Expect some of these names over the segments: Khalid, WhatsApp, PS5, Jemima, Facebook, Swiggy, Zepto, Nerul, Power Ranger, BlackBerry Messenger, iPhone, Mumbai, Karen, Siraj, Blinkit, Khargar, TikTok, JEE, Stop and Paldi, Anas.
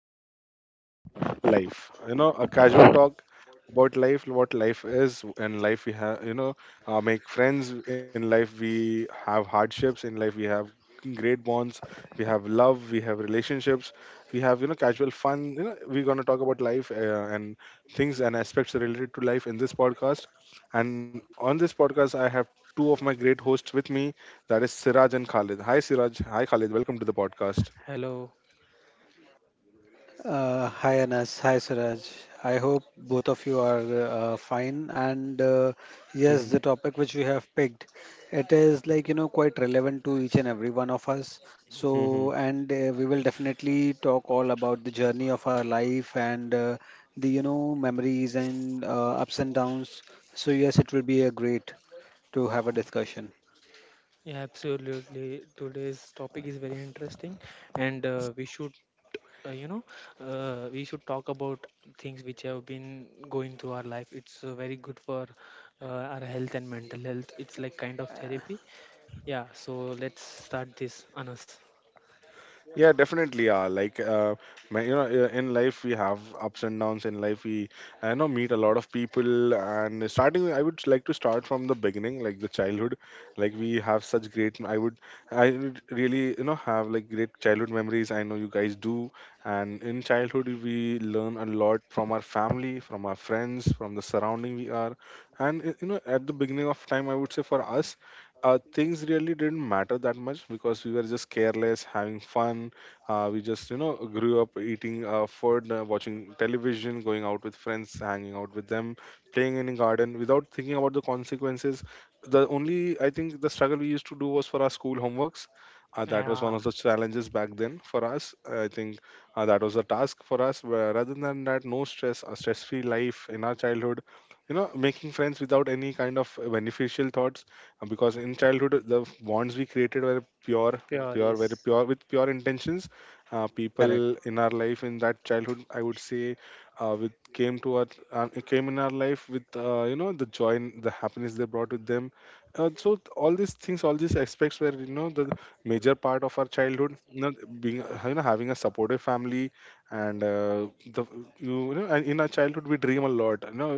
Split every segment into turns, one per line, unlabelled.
podcast, we're going to talk about life. You know, a casual talk about life, what life is, and life we have. Make friends in life. We have hardships in life. We have great bonds. We have love. We have relationships. We have casual fun. You know, we're going to talk about life and things and aspects related to life in this podcast. And on this podcast, I have two of my great hosts with me, that is Siraj and Khalid. Hi, Siraj. Hi, Khalid. Welcome to the podcast.
Hello.
Hi Anas, hi Siraj. I hope both of you are fine. And yes, the topic which we have picked, it is like quite relevant to each and every one of us. So, and we will definitely talk all about the journey of our life and the memories and ups and downs. So yes, it will be a great to have a discussion.
Yeah, absolutely. Today's topic is very interesting, and uh, you know, we should talk about things which have been going through our life. It's very good for our health and mental health. It's like kind of therapy. Yeah. So let's start this, Anas.
Yeah, definitely. In life we have ups and downs. In life we, I know, Meet a lot of people. And starting, I would like to start from the beginning, like the childhood. Like we have such great. I would really, you know, have like great childhood memories. I know you guys do. And in childhood we learn a lot from our family, from our friends, from the surrounding we are. And you know, at the beginning of time, I would say for us things really didn't matter that much because we were just careless, having fun. We just, you know, grew up eating food, watching television, going out with friends, hanging out with them, playing in the garden without thinking about the consequences. The only, I think, the struggle we used to do was for our school homeworks. That was
Yeah.
one of the challenges back then for us. I think that was a task for us. Where Rather than that, no stress, a stress-free life in our childhood. You know, making friends without any kind of beneficial thoughts, because in childhood the bonds we created were
Pure, yes.
pure, with pure intentions.
Correct.
People in our life in that childhood, I would say, with came to our came in our life with, you know, the joy and the happiness they brought with them. All these things, all these aspects were, you know, the major part of our childhood. You know, being, you know, having a supportive family, and the you know, and in our childhood we dream a lot, you know,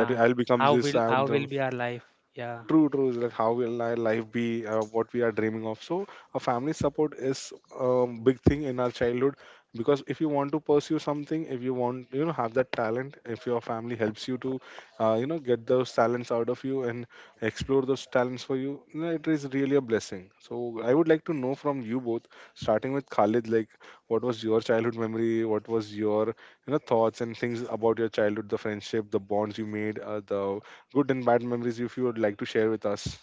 that I'll become
How
this,
will how will
I'll.
be our life? Yeah.
True, true. Is Like how will our life be? What we are dreaming of. So, a family support is a big thing in our childhood, because if you want to pursue something, if you want, you know, have that talent, if your family helps you to, you know, get those talents out of you and explore those talents for you, you know, it is really a blessing. So, I would like to know from you both, starting with Khalid, like what was your childhood memory? What was your, you know, thoughts and things about your childhood, the friendship, the bonds you made, the good and bad memories, if you would like to share with us.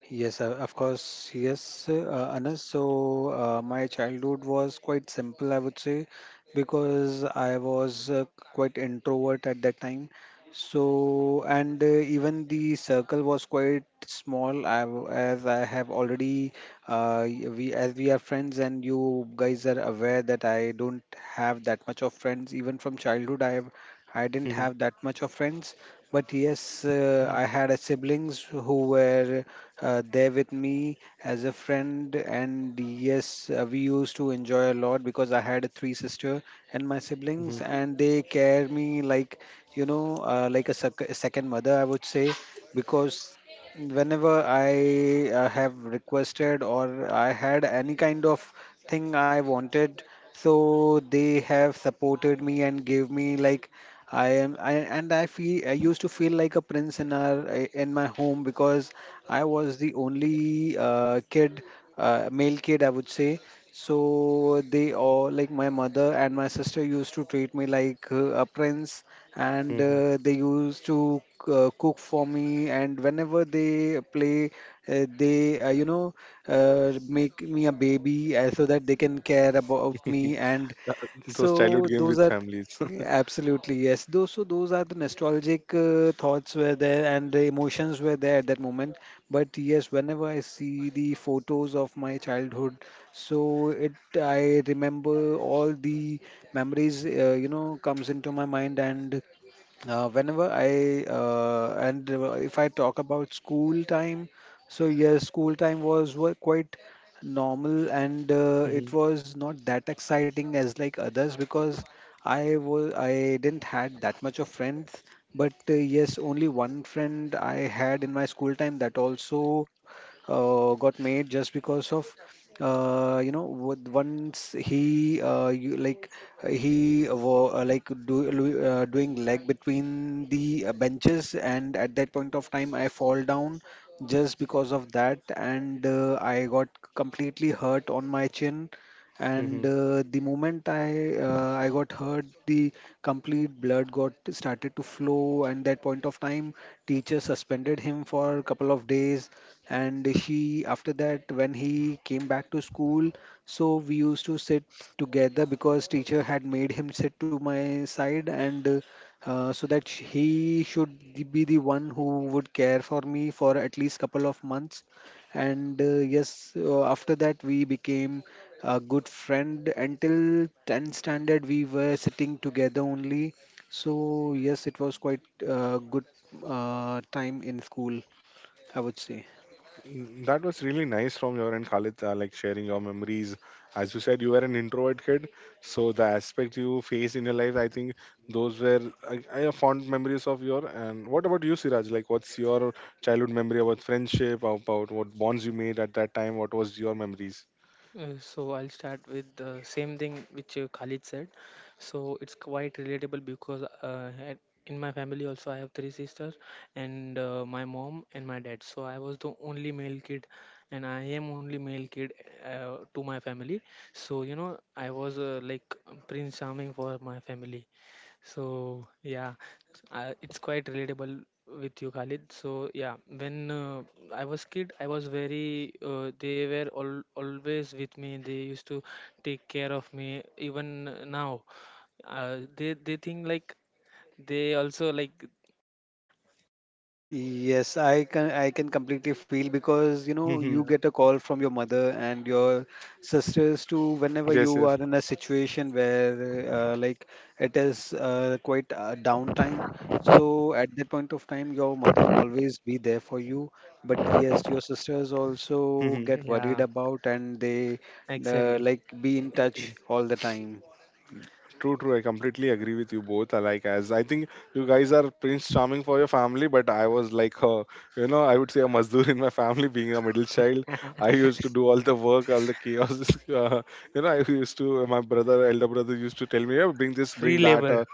Yes, of course. Yes, Anas. So my childhood was quite simple, I would say, because I was quite introvert at that time. So and even the circle was quite small. As I have already, y- we as we are friends, and you guys are aware that I don't have that much of friends. Even from childhood, I didn't
Mhm,
have that much of friends. But yes, I had siblings who were there with me as a friend. And yes, we used to enjoy a lot because I had three sister and my
mhm,
siblings, and they care me like like a second mother, I would say, because whenever I have requested or I had any kind of thing I wanted, so they have supported me and gave me like I am I and I feel I used to feel like a prince in our in my home because I was the only male kid I would say. So they all like my mother and my sister used to treat me like a prince, and
mhm,
uh, they used to cook for me. And whenever they play, they make me a baby so that they can care about
mhm.
me, and
Those childhood
so
games
those
with
are.
families.
Absolutely, yes. Those are the nostalgic thoughts were there, and the emotions were there at that moment. But yes, whenever I see the photos of my childhood, so it I remember all the memories comes into my mind. And if I talk about school time, so yes, school time was quite normal, and it
Mhm,
was not that exciting as like others because I didn't had that much of friends. But yes, only one friend I had in my school time that also got made just because of once he you, like he wa- like do, lo- doing leg between the benches, and at that point of time I fall down just because of that. And I got completely hurt on my chin, and
mhm.
uh, the moment I got hurt, the complete blood got started to flow. And that point of time, teacher suspended him for a couple of days. And he after that when he came back to school, so we used to sit together because teacher had made him sit to my side, and so that sh- he should be the one who would care for me for at least couple of months. And yes, after that we became a good friend. Until 10th standard we were sitting together only. So yes, it was quite a good time in school, I would say.
Mm, that was really nice from your end, Khalid, like sharing your memories. As you said, you were an introvert kid, so the aspect you face in your life, I think, those were fond memories of your. And what about you, Siraj, like what's your childhood memory, about friendship, about what bonds you made at that time, what was your memories?
So I'll start with the same thing which Khalid said. So it's quite relatable because in my family also I have three sisters and my mom and my dad. So I was the only male kid, and I am only male kid to my family. So I was like Prince Charming for my family. So yeah, it's quite relatable with you, Khalid. So yeah, when I was kid, I was very. They were all always with me. They used to take care of me. Even now, they think like they also like.
Yes, I can completely feel because you know you
Mhm,
Yeah,
get a call from your mother and your sisters too whenever you
yes,
are in a situation where it is quite downtime. So at that point of time, your mother always be there for you. But yes, your sisters also
yes.
get
yeah,
worried about, and they
exactly.
be in touch all the time.
True, true. I completely agree with you both. I Like, as I think, you guys are Prince Charming for your family, but I was like, you know, I would say, a Mazdoor in my family, being a middle child. I used to do all the work, all the chaos. Uh, you know, my brother, elder brother used to tell me, yeah, bring this, bring
Free
that.
labor.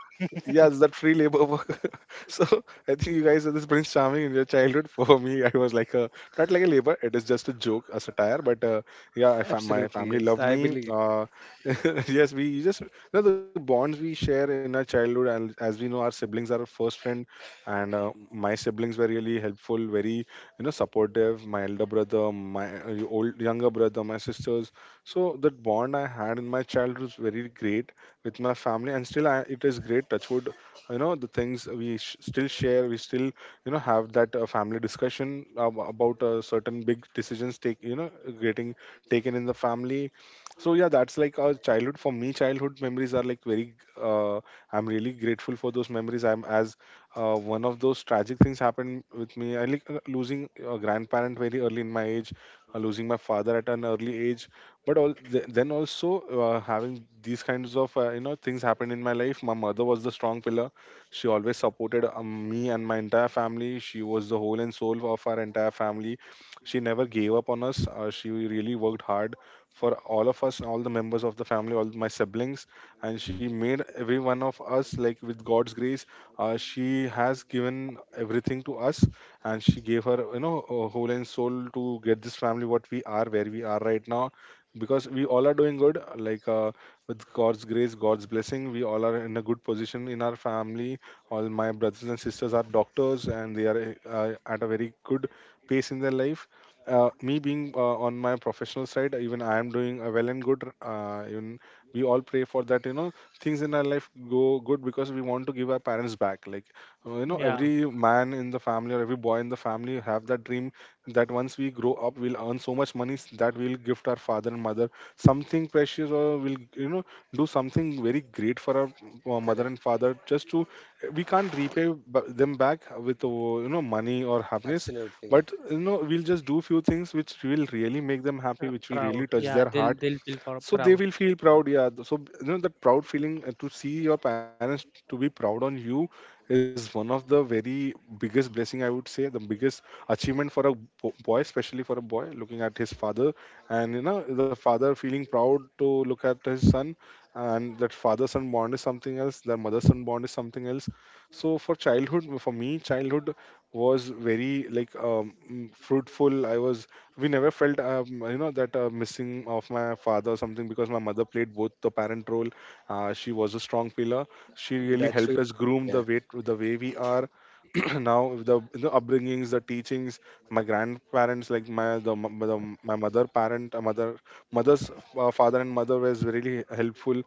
Yes, that free labor work. So I think you guys are this Prince Charming in your childhood. For me, I was like a, not like a labor. It is just a joke, a satire. But yeah, my
Absolutely,
family
yes,
loved
I
me.
believe.
Yes, we just, you know, the bonds we share in our childhood, and as we know, our siblings are our first friend, and my siblings were really helpful, very, you know, supportive. My elder brother, my old younger brother, my sisters. So that bond I had in my childhood was very great with my family, and still I, it is great. Touchwood, you know, the things still share, we still, you know, have that family discussion about certain big decisions take you know, getting taken in the family. So yeah, that's like our childhood. For me, childhood memories are like very uh, I'm really grateful for those memories. I'm as One of those tragic things happened with me, I like, losing a grandparent very early in my age, losing my father at an early age. But then also, having these kinds of, you know, things happened in my life, my mother was the strong pillar. She always supported me and my entire family. She was the whole and soul of our entire family. She never gave up on us. She really worked hard for all of us, all the members of the family, all my siblings, and she made every one of us, like, with God's grace. She has given everything to us, and she gave her, you know, whole and soul to get this family what we are, where we are right now. Because we all are doing good, like, with God's grace, God's blessing, we all are in a good position in our family. All my brothers and sisters are doctors, and they are at a very good pace in their life. Me being on my professional side, even I am doing well and good. Uh, even we all pray for that, you know, things in our life go good, because we want to give our parents back, like, you know,
Yeah,
every man in the family or every boy in the family have that dream, that once we grow up, we'll earn so much money, that we'll gift our father and mother something precious, or we'll, you know, do something very great for our mother
Correct.
and father, just to, we can't repay them back with, you know, money or happiness,
Absolutely.
but you know, we'll just do few things which will really make them happy,
uh,
which will
proud.
really
Yeah,
touch their
they'll
heart,
they'll feel
so they
proud.
will feel proud. Yeah, so you know, that proud feeling, to see your parents to be proud on you, is one of the very biggest blessing, I would say, the biggest achievement for a boy, especially for a boy looking at his father, and you know, the father feeling proud to look at his son. And that father son bond is something else, their mother son bond is something else. So for childhood, for me, childhood was very like fruitful. I was We never felt, you know, that missing of my father or something, because my mother played both the parent role. She was a strong pillar. She really
That's true.
helped us groom the way we are. Now with the, you know, upbringings, the teachings, my grandparents, like my the, m- the my mother parent mother mother's father and mother was really helpful,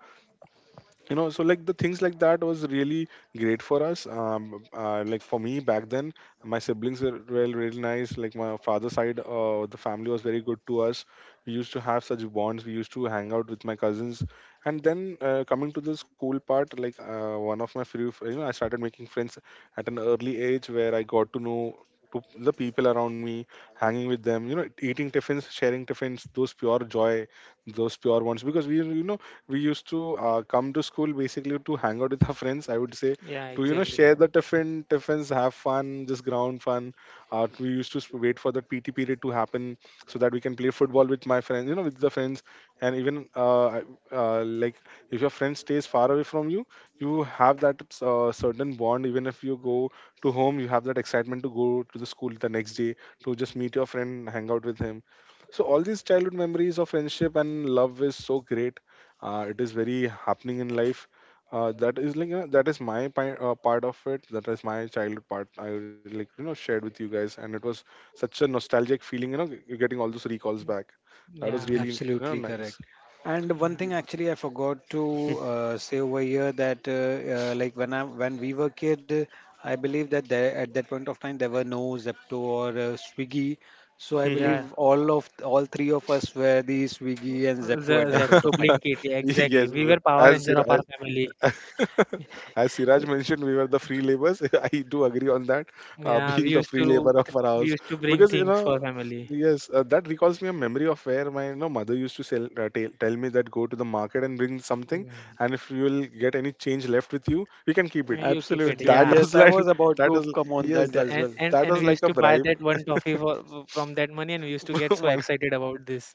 you know. So like the things like that was really great for us. Like for me back then, my siblings were really nice. Like my father's side, the family was very good to us. We used to have such bonds, we used to hang out with my cousins. And then coming to the school part, like, one of my few fr- you know, I started making friends at an early age, where I got to know to the people around me, hanging with them, you know, eating tiffins, sharing tiffins, those pure joy, those pure ones. Because we, you know, we used to come to school basically to hang out with our friends, I would say,
Yeah,
to, you know,
exactly.
share the tiffins, have fun, just ground fun. We used to wait for the PT period to happen, so that we can play football with my friends, you know, with the friends. And even like, if your friend stays far away from you, you have that certain bond. Even if you go to home, you have that excitement to go to the school the next day to just meet your friend, hang out with him. So all these childhood memories of friendship and love is so great, it is very happening in life, that is that is my part of it, that is my childhood part I shared with you guys, and it was such a nostalgic feeling, getting all those recalls back. That
Yeah,
was really,
Absolutely
nice.
correct. And one
yeah,
thing actually I forgot to say over here that when I when we were kid, I believe that there, at that point of time there were no Zepto or Swiggy. So I
Yeah.
yeah.
believe all three of us were the Swiggy and
Ze
Zepto at that point
Zepto,
of time.
Blinkit, yeah, exactly.
Yes,
We were Power
as,
Ranger of
as
our family.
as Siraj mentioned, we were the free laborers. I do agree on that,
Yeah,
being
we
the
used
free
to
laborer of
th-
our
we
house.
used to bring
Because, you
things for
know,
family.
yes, that recalls me a memory of where my, you know, mother used to tell me that go to the market and bring something,
Mm.
and if you will get any change left with you, you can keep
And
it.
you keep
So
it,
Absolutely.
that
yeah.
was
Yes, I
like,
was about
that
to
was,
come on
yes,
that
that,
as
And
well.
and
that
and
was
we
like
used
a
to buy
bribe
that one toffee for from that money, and we used to get so
money.
excited about this.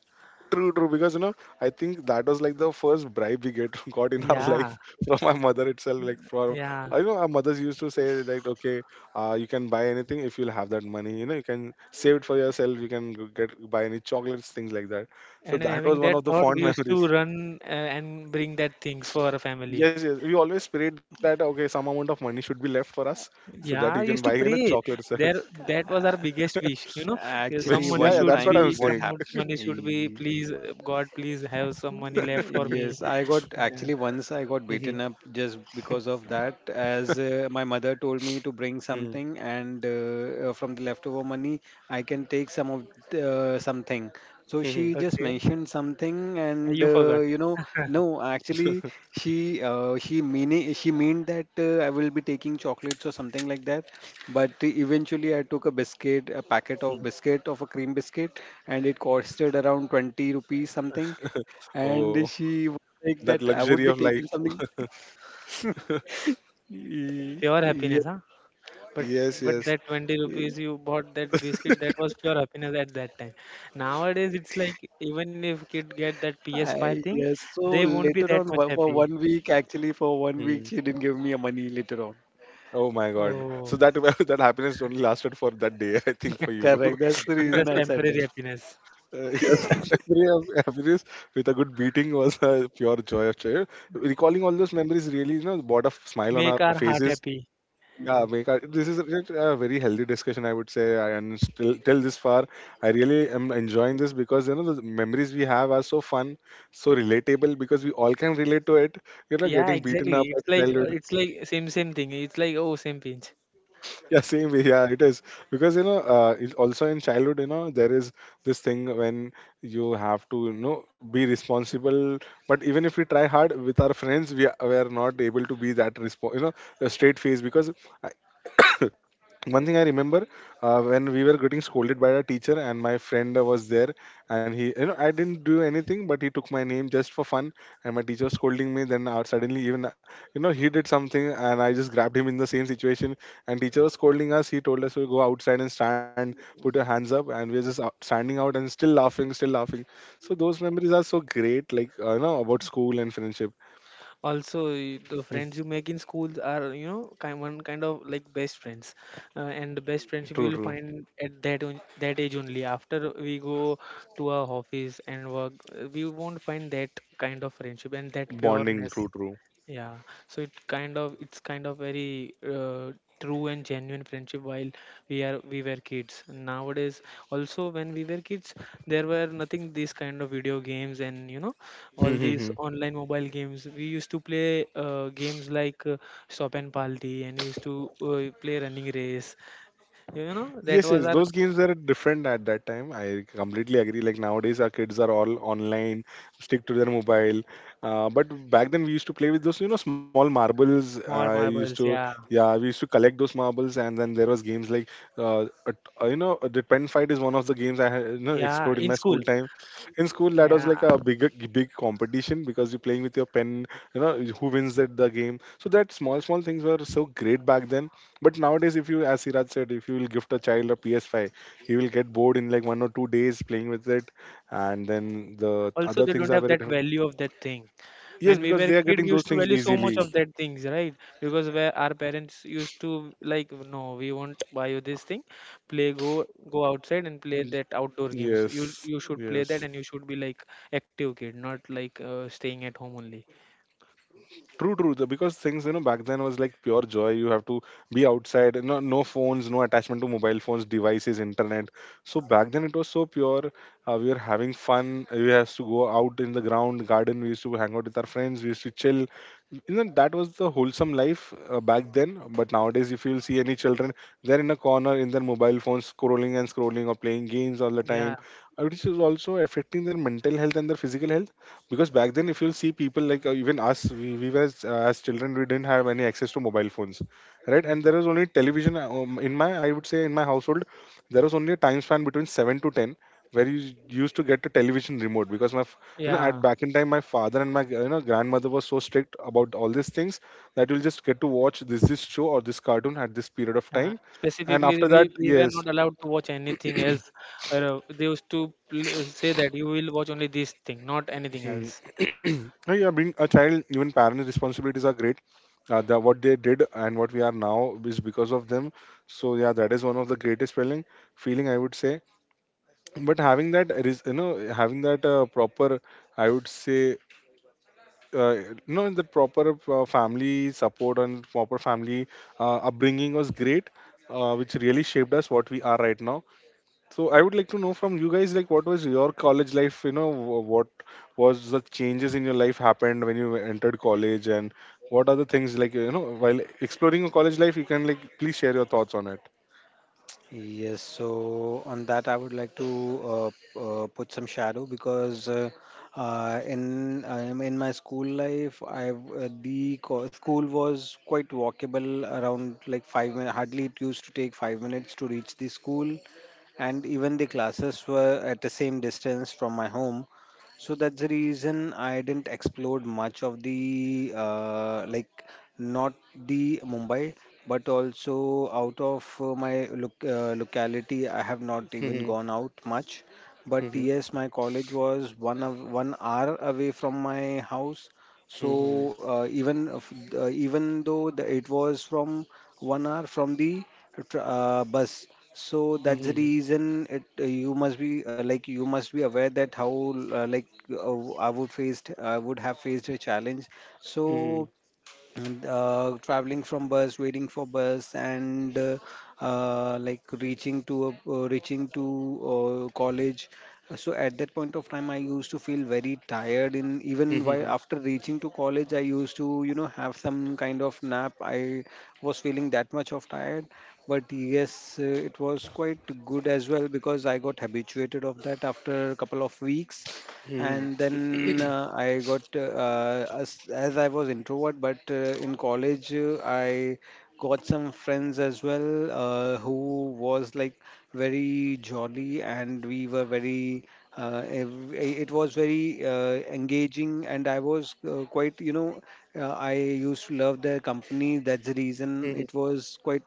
True, true. Because you know, I think that was like the first bribe we get got in our
Yeah,
life from my mother itself.
yeah.
I know our mothers used to say like, okay, you can buy anything if you'll have that money. You know, you can save it for yourself. You can go get buy any chocolates, things like that. So
And
that
having
was one
that
of the
thought, we
fond
used to
memories.
run and bring that things for our family.
Yes, yes. We always prayed that okay, some amount of money should be left for us so that you can
Yeah, I
buy,
used
you
to
know,
pray.
chocolates.
There, that was our biggest wish. Yeah, some
Which
Actually,
yeah,
money
yeah,
one
that's
should
what I'm
time
be,
what
saying.
happened?
money should be. Please, God, please have some money left for me.
Yes, I got
Yeah.
actually once I got
Mhm,
beaten up just because of that, as my mother told me to bring
mhm,
something, and from the leftover money, I can take some of something. So she
mhm.
just
Okay.
mentioned something,
You
and
forgot
uh, you know, no, actually, she meant that I will be taking chocolates or something like that. But eventually, I took a biscuit, a packet of biscuit of a cream biscuit, and it costed around 20 rupees something, and
Oh,
she was like that
that
I would be
luxury of
taking
life.
something.
pure
Ye-
happiness, huh? But
Yes,
but
yes.
that 20 rupees
Yes,
you bought that biscuit, that was pure happiness at that time. Nowadays, it's like even if kid get that PS5 thing,
yes.
they
So
won't be
later
that
on,
much
for
happy.
one week, actually, for
Mm.
one week, she didn't give me a money later on.
Oh my God. So that
Oh,
that happiness only lasted for that day, I think, for you.
Correct. That's the
it
reason
was
I said
temporary
that.
happiness.
Yes, every happiness with a good beating was a pure joy of joy. Recalling all those memories really, you know, brought a smile on our
Make our heart
faces.
happy.
Yeah, make our, this is a very healthy discussion, I would say. And still, till this far, I really am enjoying this because you know the memories we have are so fun, so relatable because we all can relate to it. You know,
Yeah,
getting beaten
exactly.
up at
It's like uh,
childhood.
it's like same thing. It's like, oh, same pinch.
Yeah, same way. Yeah, it is because you know, it also in childhood, you know, there is this thing when you have to, you know, be responsible. But even if we try hard with our friends, we are not able to be that response, you know, a straight face because one thing I remember, when we were getting scolded by our teacher and my friend was there, and he, you know, I didn't do anything, but he took my name just for fun, and my teacher was scolding me. Then out suddenly, even, you know, he did something and I just grabbed him in the same situation, and teacher was scolding us. He told us to go outside and stand, put your hands up, and we're just out, standing out and still laughing, still laughing. So those memories are so great, like, you know, about school and friendship.
Also, the
Mm,
friends you make in schools are kind one kind of like best friends, and the best
true,
friendship you
true.
will find at that age only. After we go to our office and work, we won't find that kind of friendship and that
Bonding,
pureness.
true,
Yeah, so it's kind of very true and genuine friendship while we were kids. Nowadays, also when we were kids, there were nothing these kind of video games, and all these
true.
online mobile games. We used to play games like Stop and Paldi, and we used to play running race. That
Yes,
was
yes,
our
those games were different at that time. I completely agree. Like nowadays, our kids are all online, stick to their mobile. But back then, we used to play with those, you know, small marbles.
small
I used
marbles.
to,
Yeah,
yeah, we used to collect those marbles, and then there was games like, you know, the pen fight is one of the games I had, you know,
yeah,
explored in
in
my
school.
school time. In school, that
Yeah,
was like a big, big competition because you're playing with your pen. You know, who wins that the game. So that small, small things were so great back then, but nowadays, if you, as Siraj said, if you will gift a child a PS5, he will get bored in like 1 or 2 days playing with it, and then the
also
other
they don't
things are
have
very
that
different.
value of that thing.
Yes,
When we
because
were
they are
kid,
getting
we
those
used to
things
value so much
easily.
of that things, right? Because where our parents used to like, no, we won't buy you this thing. Play, go, go outside and play
Mm,
that outdoor games. you
yes,
you should play that,
yes.
and you should be like active kid, not like staying at home only.
True, true. Because things, you know, back then was like pure joy. You have to be outside, no, no phones, no attachment to mobile phones, devices, internet. So back then it was so pure. We were having fun. We used to go out in the ground, garden. We used to hang out with our friends. We used to chill. You know, that was the wholesome life back then. But nowadays, if you'll see any children, they're in a corner in their mobile phones, scrolling and scrolling or playing games all the time,
Yeah.
which is also affecting their mental health and their physical health, because back then if you see people like, even us we were as children, we didn't have any access to mobile phones, right?
Mm.
And there was only television, in my, I would say, in my household, there was only a time span between 7 to 10 where you used to get a television remote, because my you know,
Yeah.
at back in time, my father and my, you know, grandmother was so strict about all these things that you'll just get to watch this, this show or this cartoon at this period of time, and
Specifically,
after that,
we were
yes.
not allowed to watch anything else. They used to say that you will watch only this thing, not anything else.
Hmm. No, yeah, being a child, even parents responsibilities are great. Uh, the, what they did and what we are now is because of them. So yeah, that is one of the greatest feeling I would say, but having that you know, having that proper, I would say, you know, the proper family support and proper family upbringing was great, which really shaped us what we are right now. So I would like to know from you guys, like, what was your college life? You know, what was the changes in your life happened when you entered college, and what are the things like, you know, while exploring your college life? You can like please share your thoughts on it.
Yes, so on that, I would like to put some shadow because in my school life, I the co school was quite walkable around like 5 minutes. Hardly it used to take 5 minutes to reach the school, and even the classes were at the same distance from my home. So that's the reason I didn't explore much of the like not the Mumbai, but also out of my locality. I have not even gone out much. But
Hmm.
yes, my college was one hour away from my house.
Hmm. Hmm.
So even if- even though it was from one hour from the bus, so that's the
Hmm.
reason it you must be like you must be aware that how I would have faced a challenge. So Traveling from bus, waiting for bus, and like reaching to college. So at that point of time, I used to feel very tired. In
Hmm.
Even
Hmm.
while
Hmm. Hmm.
after reaching to college, I used to have some kind of nap. I was feeling that much of tired. But yes, it was quite good as well because I got habituated of that after a couple of weeks, and then I got as I was introvert, but in college I got some friends as well who was like very jolly, and we were very. It was very engaging, and I was quite, you know, I used to love their company. That's the reason
Hmm.
it was quite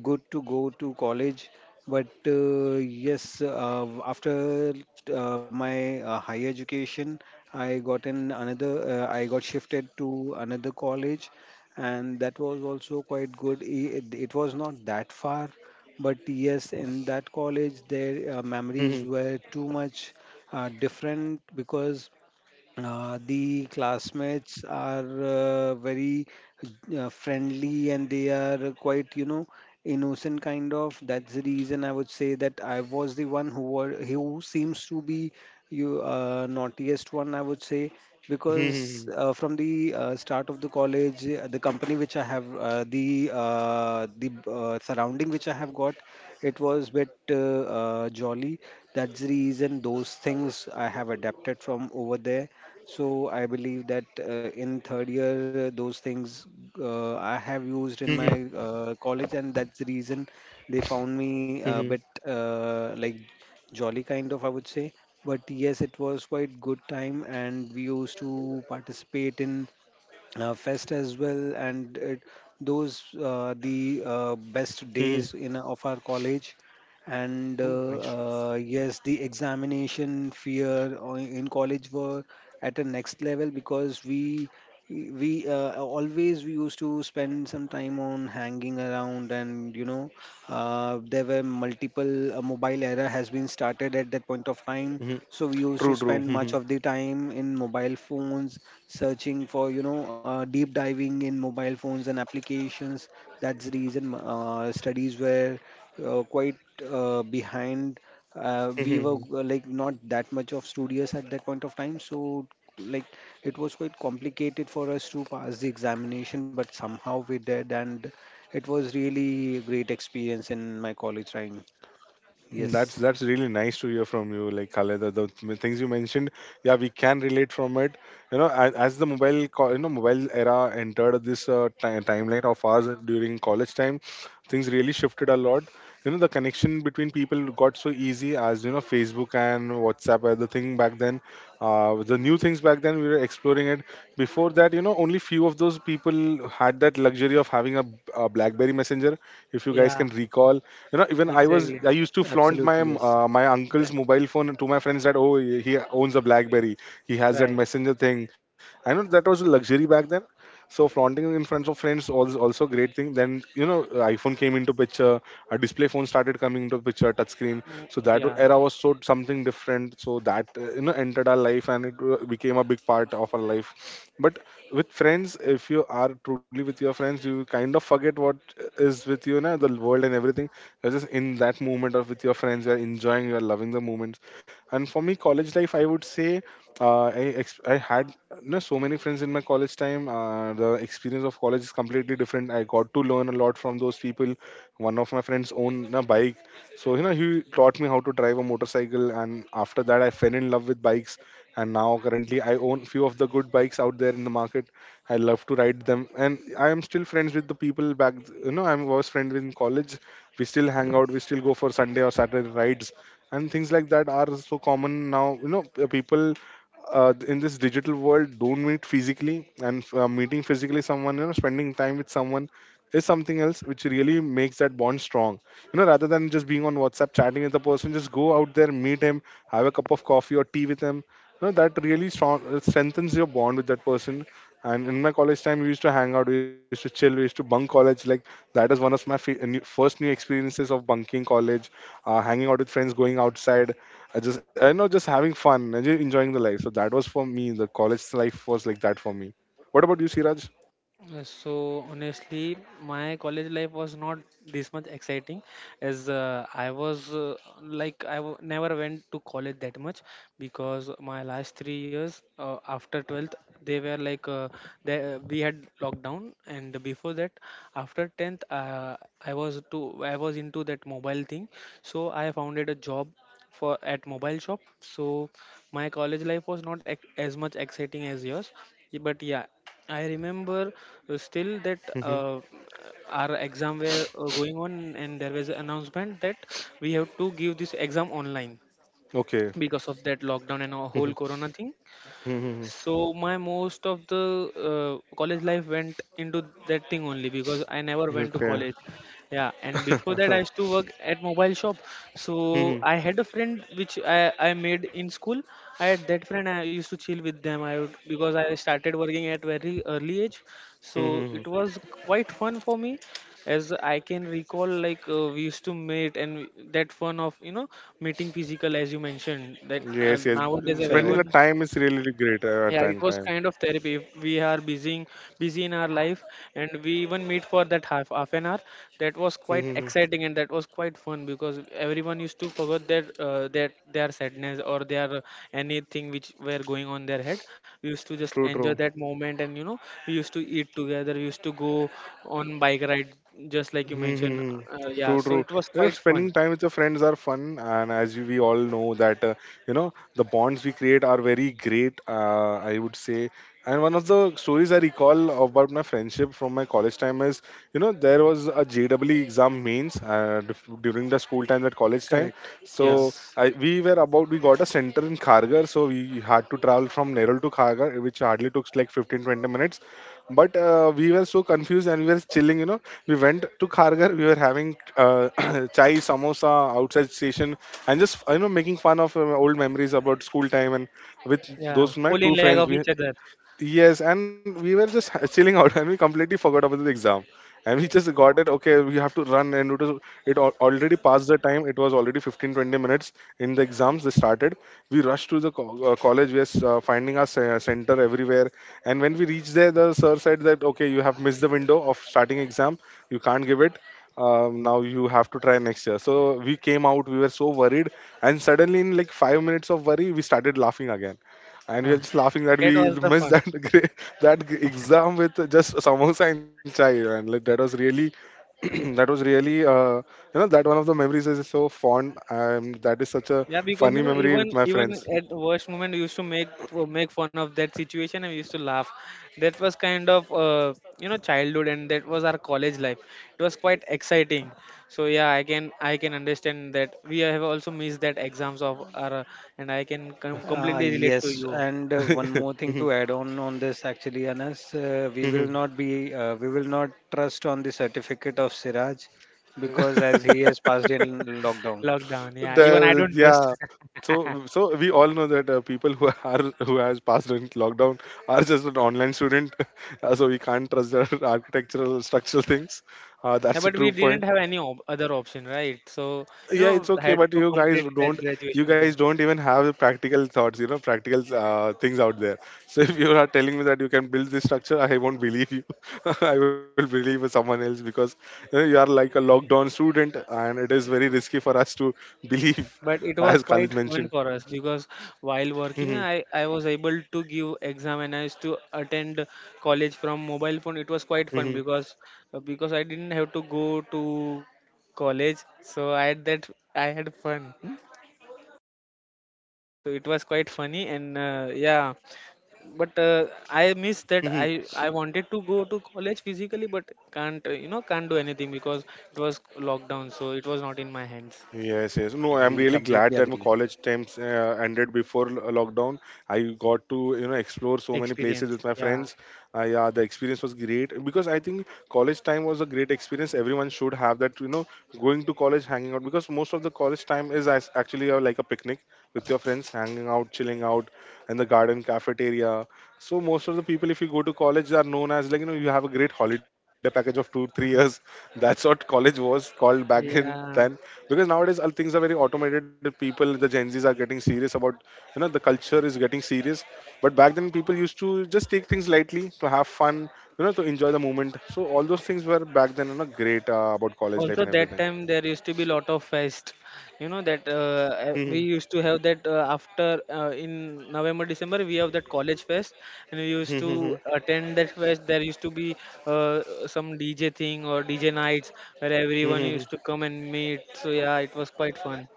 good to go to college, but yes, after my higher education, I got in another. I got shifted to another college, and that was also quite good. It was not that far, but yes, in that college, their
Hmm.
memories were too much different because the classmates are very friendly, and they are quite, you know, innocent kind of. That's the reason I would say that I was the one who seems to be you naughtiest one, I would say, because from the start of the college, the company which I have, the surrounding which I have got, it was bit jolly. That's the reason those things I have adapted from over there. So I believe that in third year, those things I have used in
Hmm.
my
Hmm.
college, and that's the reason they found me
Hmm.
a bit jolly kind of, I would say. But yes, it was quite good time, and we used to participate in fest as well, and those the best
Hmm.
days in of our college, and
Oh,
uh,
nice
uh,
shoes.
yes the examination fear in college were at a next level because we used to spend some time on hanging around, and there were multiple mobile era has been started at that point of time.
Mhm,
So we used to
true, true.
spend much
Mhm,
of the time in mobile phones, searching for deep diving in mobile phones and applications. That's the reason studies were quite behind. We were
mhm,
not that much of studious at that point of time, so like it was quite complicated for us to pass the examination, but somehow we did, and it was really a great experience in my college time.
mm, That's
Yes.
that's really nice to hear from you, like Khaled. The things you mentioned, yeah, we can relate from it. You know, as the you know, mobile era entered this timeline of ours during college time, things really shifted a lot. You know, the connection between people got so easy, as you know, Facebook and WhatsApp were the thing back then. The new things back then, we were exploring it. Before that, you know, only few of those people had that luxury of having a BlackBerry Messenger. If you guys
Yeah,
can recall, you know, even i was
exactly.
i used to flaunt my,
Absolutely. Yes.
my uncle's
Bla-
mobile phone to my friends that, oh, he owns a BlackBerry, he has that
Right.
messenger thing. I know that was a luxury back then, so flaunting in front of friends was also a great thing then. You know, iPhone came into picture, a display phone started coming into picture, touch screen.
Mm,
So that
yeah.
era was so something different, so that, you know, entered our life and it became a big part of our life. But with friends, if you are truly with your friends, you kind of forget what is with, you know, the world and everything. You're just in that moment or with your friends. You're enjoying. You're loving the moments. And for me, college life, I would say, I had, you know, so many friends in my college time. The experience of college is completely different. I got to learn a lot from those people. One of my friends owned a bike, so you know he taught me how to drive a motorcycle. And after that, I fell in love with bikes. And now currently, I own few of the good bikes out there in the market. I love to ride them, and I am still friends with the people back. You know, I was friend with in college. We still hang out, we still go for Sunday or Saturday rides, and things like that are so common now. You know, people in this digital world don't meet physically, and meeting physically someone, you know, spending time with someone is something else which really makes that bond strong. You know, rather than just being on WhatsApp chatting with the person, just go out there, meet him, have a cup of coffee or tea with him. You know, that really strengthens your bond with that person. And in my college time, we used to hang out, we used to chill, we used to bunk college. Like, that is one of my first new experiences of bunking college, hanging out with friends, going outside. I just, just having fun and just enjoying the life. So that was for me. The college life was like that for me. What about you, Siraj?
So honestly, my college life was not this much exciting, as I was like never went to college that much, because my last 3 years after 12th, they were like we had lockdown. And before that, after 10th, I was into that mobile thing, so I founded a job for at mobile shop. So my college life was not as much exciting as yours. But yeah, I remember still that
Hmm
our exam were going on, and there was an announcement that we have to give this exam online,
Okay.
because of that lockdown and our whole
Mhm.
corona thing.
Mhm.
So my most of the college life went into that thing only because I never went to
Okay.
college. Yeah, and before that I used to work at mobile shop. So
Mhm.
I had a friend which I made in school. I had that friend I used to chill with them. I would Because I started working at very early age. So it
Mhm.
was quite fun for me, as I can recall, like we used to meet, and that fun of meeting physical, as you mentioned that
Yes, yes.
nowadays
Spending the
correct
everyone.
time is really great at
Yeah, it
that
was
time.
kind of therapy. We are busy in our life, and we even meet for that half an hour. That was quite
Mhm.
exciting, and that was quite fun because everyone used to forget their their sadness, or their anything which were going on their head. We used to just
True,
enjoy
true.
that moment, and we used to eat together, we used to go on bike ride, just like you mentioned.
Mm-hmm.
Yeah,
True,
so
true.
it was
You know,
quite fun.
spending time with your friends are fun, and as you, we all know that you know the bonds we create are very great. I would say, and one of the stories I recall about my friendship from my college time is, you know, there was a JEE exam mains during the school time, that college time.
correct Yes.
Yeah,
So we were about, we got a center in Khargar, so we had to travel from Nerul to Khargar, which hardly took like 15, 20 minutes. But we were so confused and we were chilling, you know, we went to Kharghar. We were having chai, samosa outside station, and just, you know, making fun of old memories about school time. And with
yeah,
those my two
pulling leg
friends,
of
we.
each other.
Yes, and we were just chilling out, and we completely forgot about the exam, and we just got it. Okay, we have to run, and it was, already passed the time. It was already 15, 20 minutes in the exams. They started. We rushed to the college. We are finding our center everywhere, and when we reached there, the sir said that okay, you have missed the window of starting exam. You can't give it. Now you have to try next year. So we came out. We were so worried, and suddenly in like 5 minutes of worry, we started laughing and we are
Uh,
just laughing that
that
we
was the
missed
fun.
that that exam with just samosa and chai. And like, that was really that was really you know, that one of the memories is so fond. And that is such a
Yeah, because
funny memory with my
even
friends.
at worst moment, we used to make fun of that situation, and we used to laugh. That was kind of childhood, and that was our college life. It was quite exciting. So yeah, I can understand that we have also missed that exams of our, and I can completely relate to
Yes,
you.
and one more thing
Mhm,
to add on this actually, Anas.
mhm.
We will not trust on the certificate of Siraj because as he has passed in lockdown.
Lockdown, yeah. Even I don't trust.
Yeah. So, so we all know that people who are who has passed in lockdown are just an online student, so we can't trust their architectural structural things.
Yeah,
That's a
but we
true
didn't
point.
have any other option, right? So
Yeah, it's okay,
had
but
to
you guys
complete that
don't, you
graduation
guys
thing.
don't even have practical thoughts, you know, practical things out there. So if you are telling me that you can build this structure, I won't believe you. I will believe someone else because you know, you are like a lockdown student and it is very risky for us to believe
But it was
as
quite
Khalid
fun
mentioned.
for us, because while working,
Hmm
I was able to give exam, and I used to attend college from mobile phone. It was quite fun
hmm
because I didn't have to go to college, so I had fun. So it was quite funny, and yeah. But I miss that.
hmm
I wanted to go to college physically, but can't can't do anything because it was lockdown, so it was not in my hands.
Yes, yes. No, I'm
We
really glad
completely
that my
agree.
college times ended before lockdown. I got to, you know, explore so many places
Experience,
with my
yeah.
friends. Yeah, the experience was great because I think college time was a great experience. Everyone should have that, you know, going to college, hanging out, because most of the college time is as actually like a picnic with your friends, hanging out, chilling out in the garden cafeteria. So most of the people, if you go to college, are known as, like, you know, you have a great holiday package of two, 3 years. That's what college was called back in then,
Yeah,
because nowadays all things are very automated. People, the Gen Z's are getting serious about, you know, the culture is getting serious. But back then people used to just take things lightly, to have fun, you know, to enjoy the moment. So all those things were back then, you know, great about college life
also
and
that time there used to be lot of fest. That we used to have that after in November December we have that college fest, and we used to
everything.
attend that fest. There used to be some DJ thing or DJ nights where everyone used to come and meet. So yeah, it was quite fun.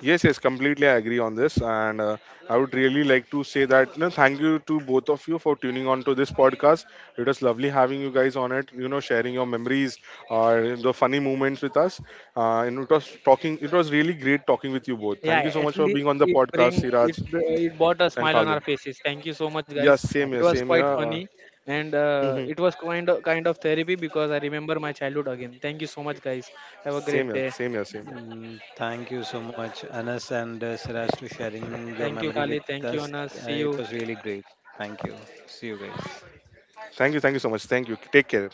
Yes, yes, completely I agree on this, and I would really like to say that you know, thank you to both of you for tuning on to this podcast. It was lovely having you guys on it. You know, sharing your memories or the funny moments with us. And it was talking. It was really great talking with you both. Thank you
Yeah,
so
at
much for
least
being on the
it bring
podcast,
it
Siraj
br- it brought a
and
smile on
Khalid.
our faces. Thank you so much, guys.
Yes, same
It
here,
was
same here.
quite
Absolutely.
funny, and it was kind of therapy because I remember my childhood again. Thank you so much, guys. Have
Same
a
here,
great
same
day.
here, same here.
Thank you so much, Anas and Siraj, to sharing your
Thank you,
memory
Kali.
with
Thank you,
us.
Anas. See
It
you.
was really great. Thank you. See you guys.
Thank you so much. Thank you. Take care.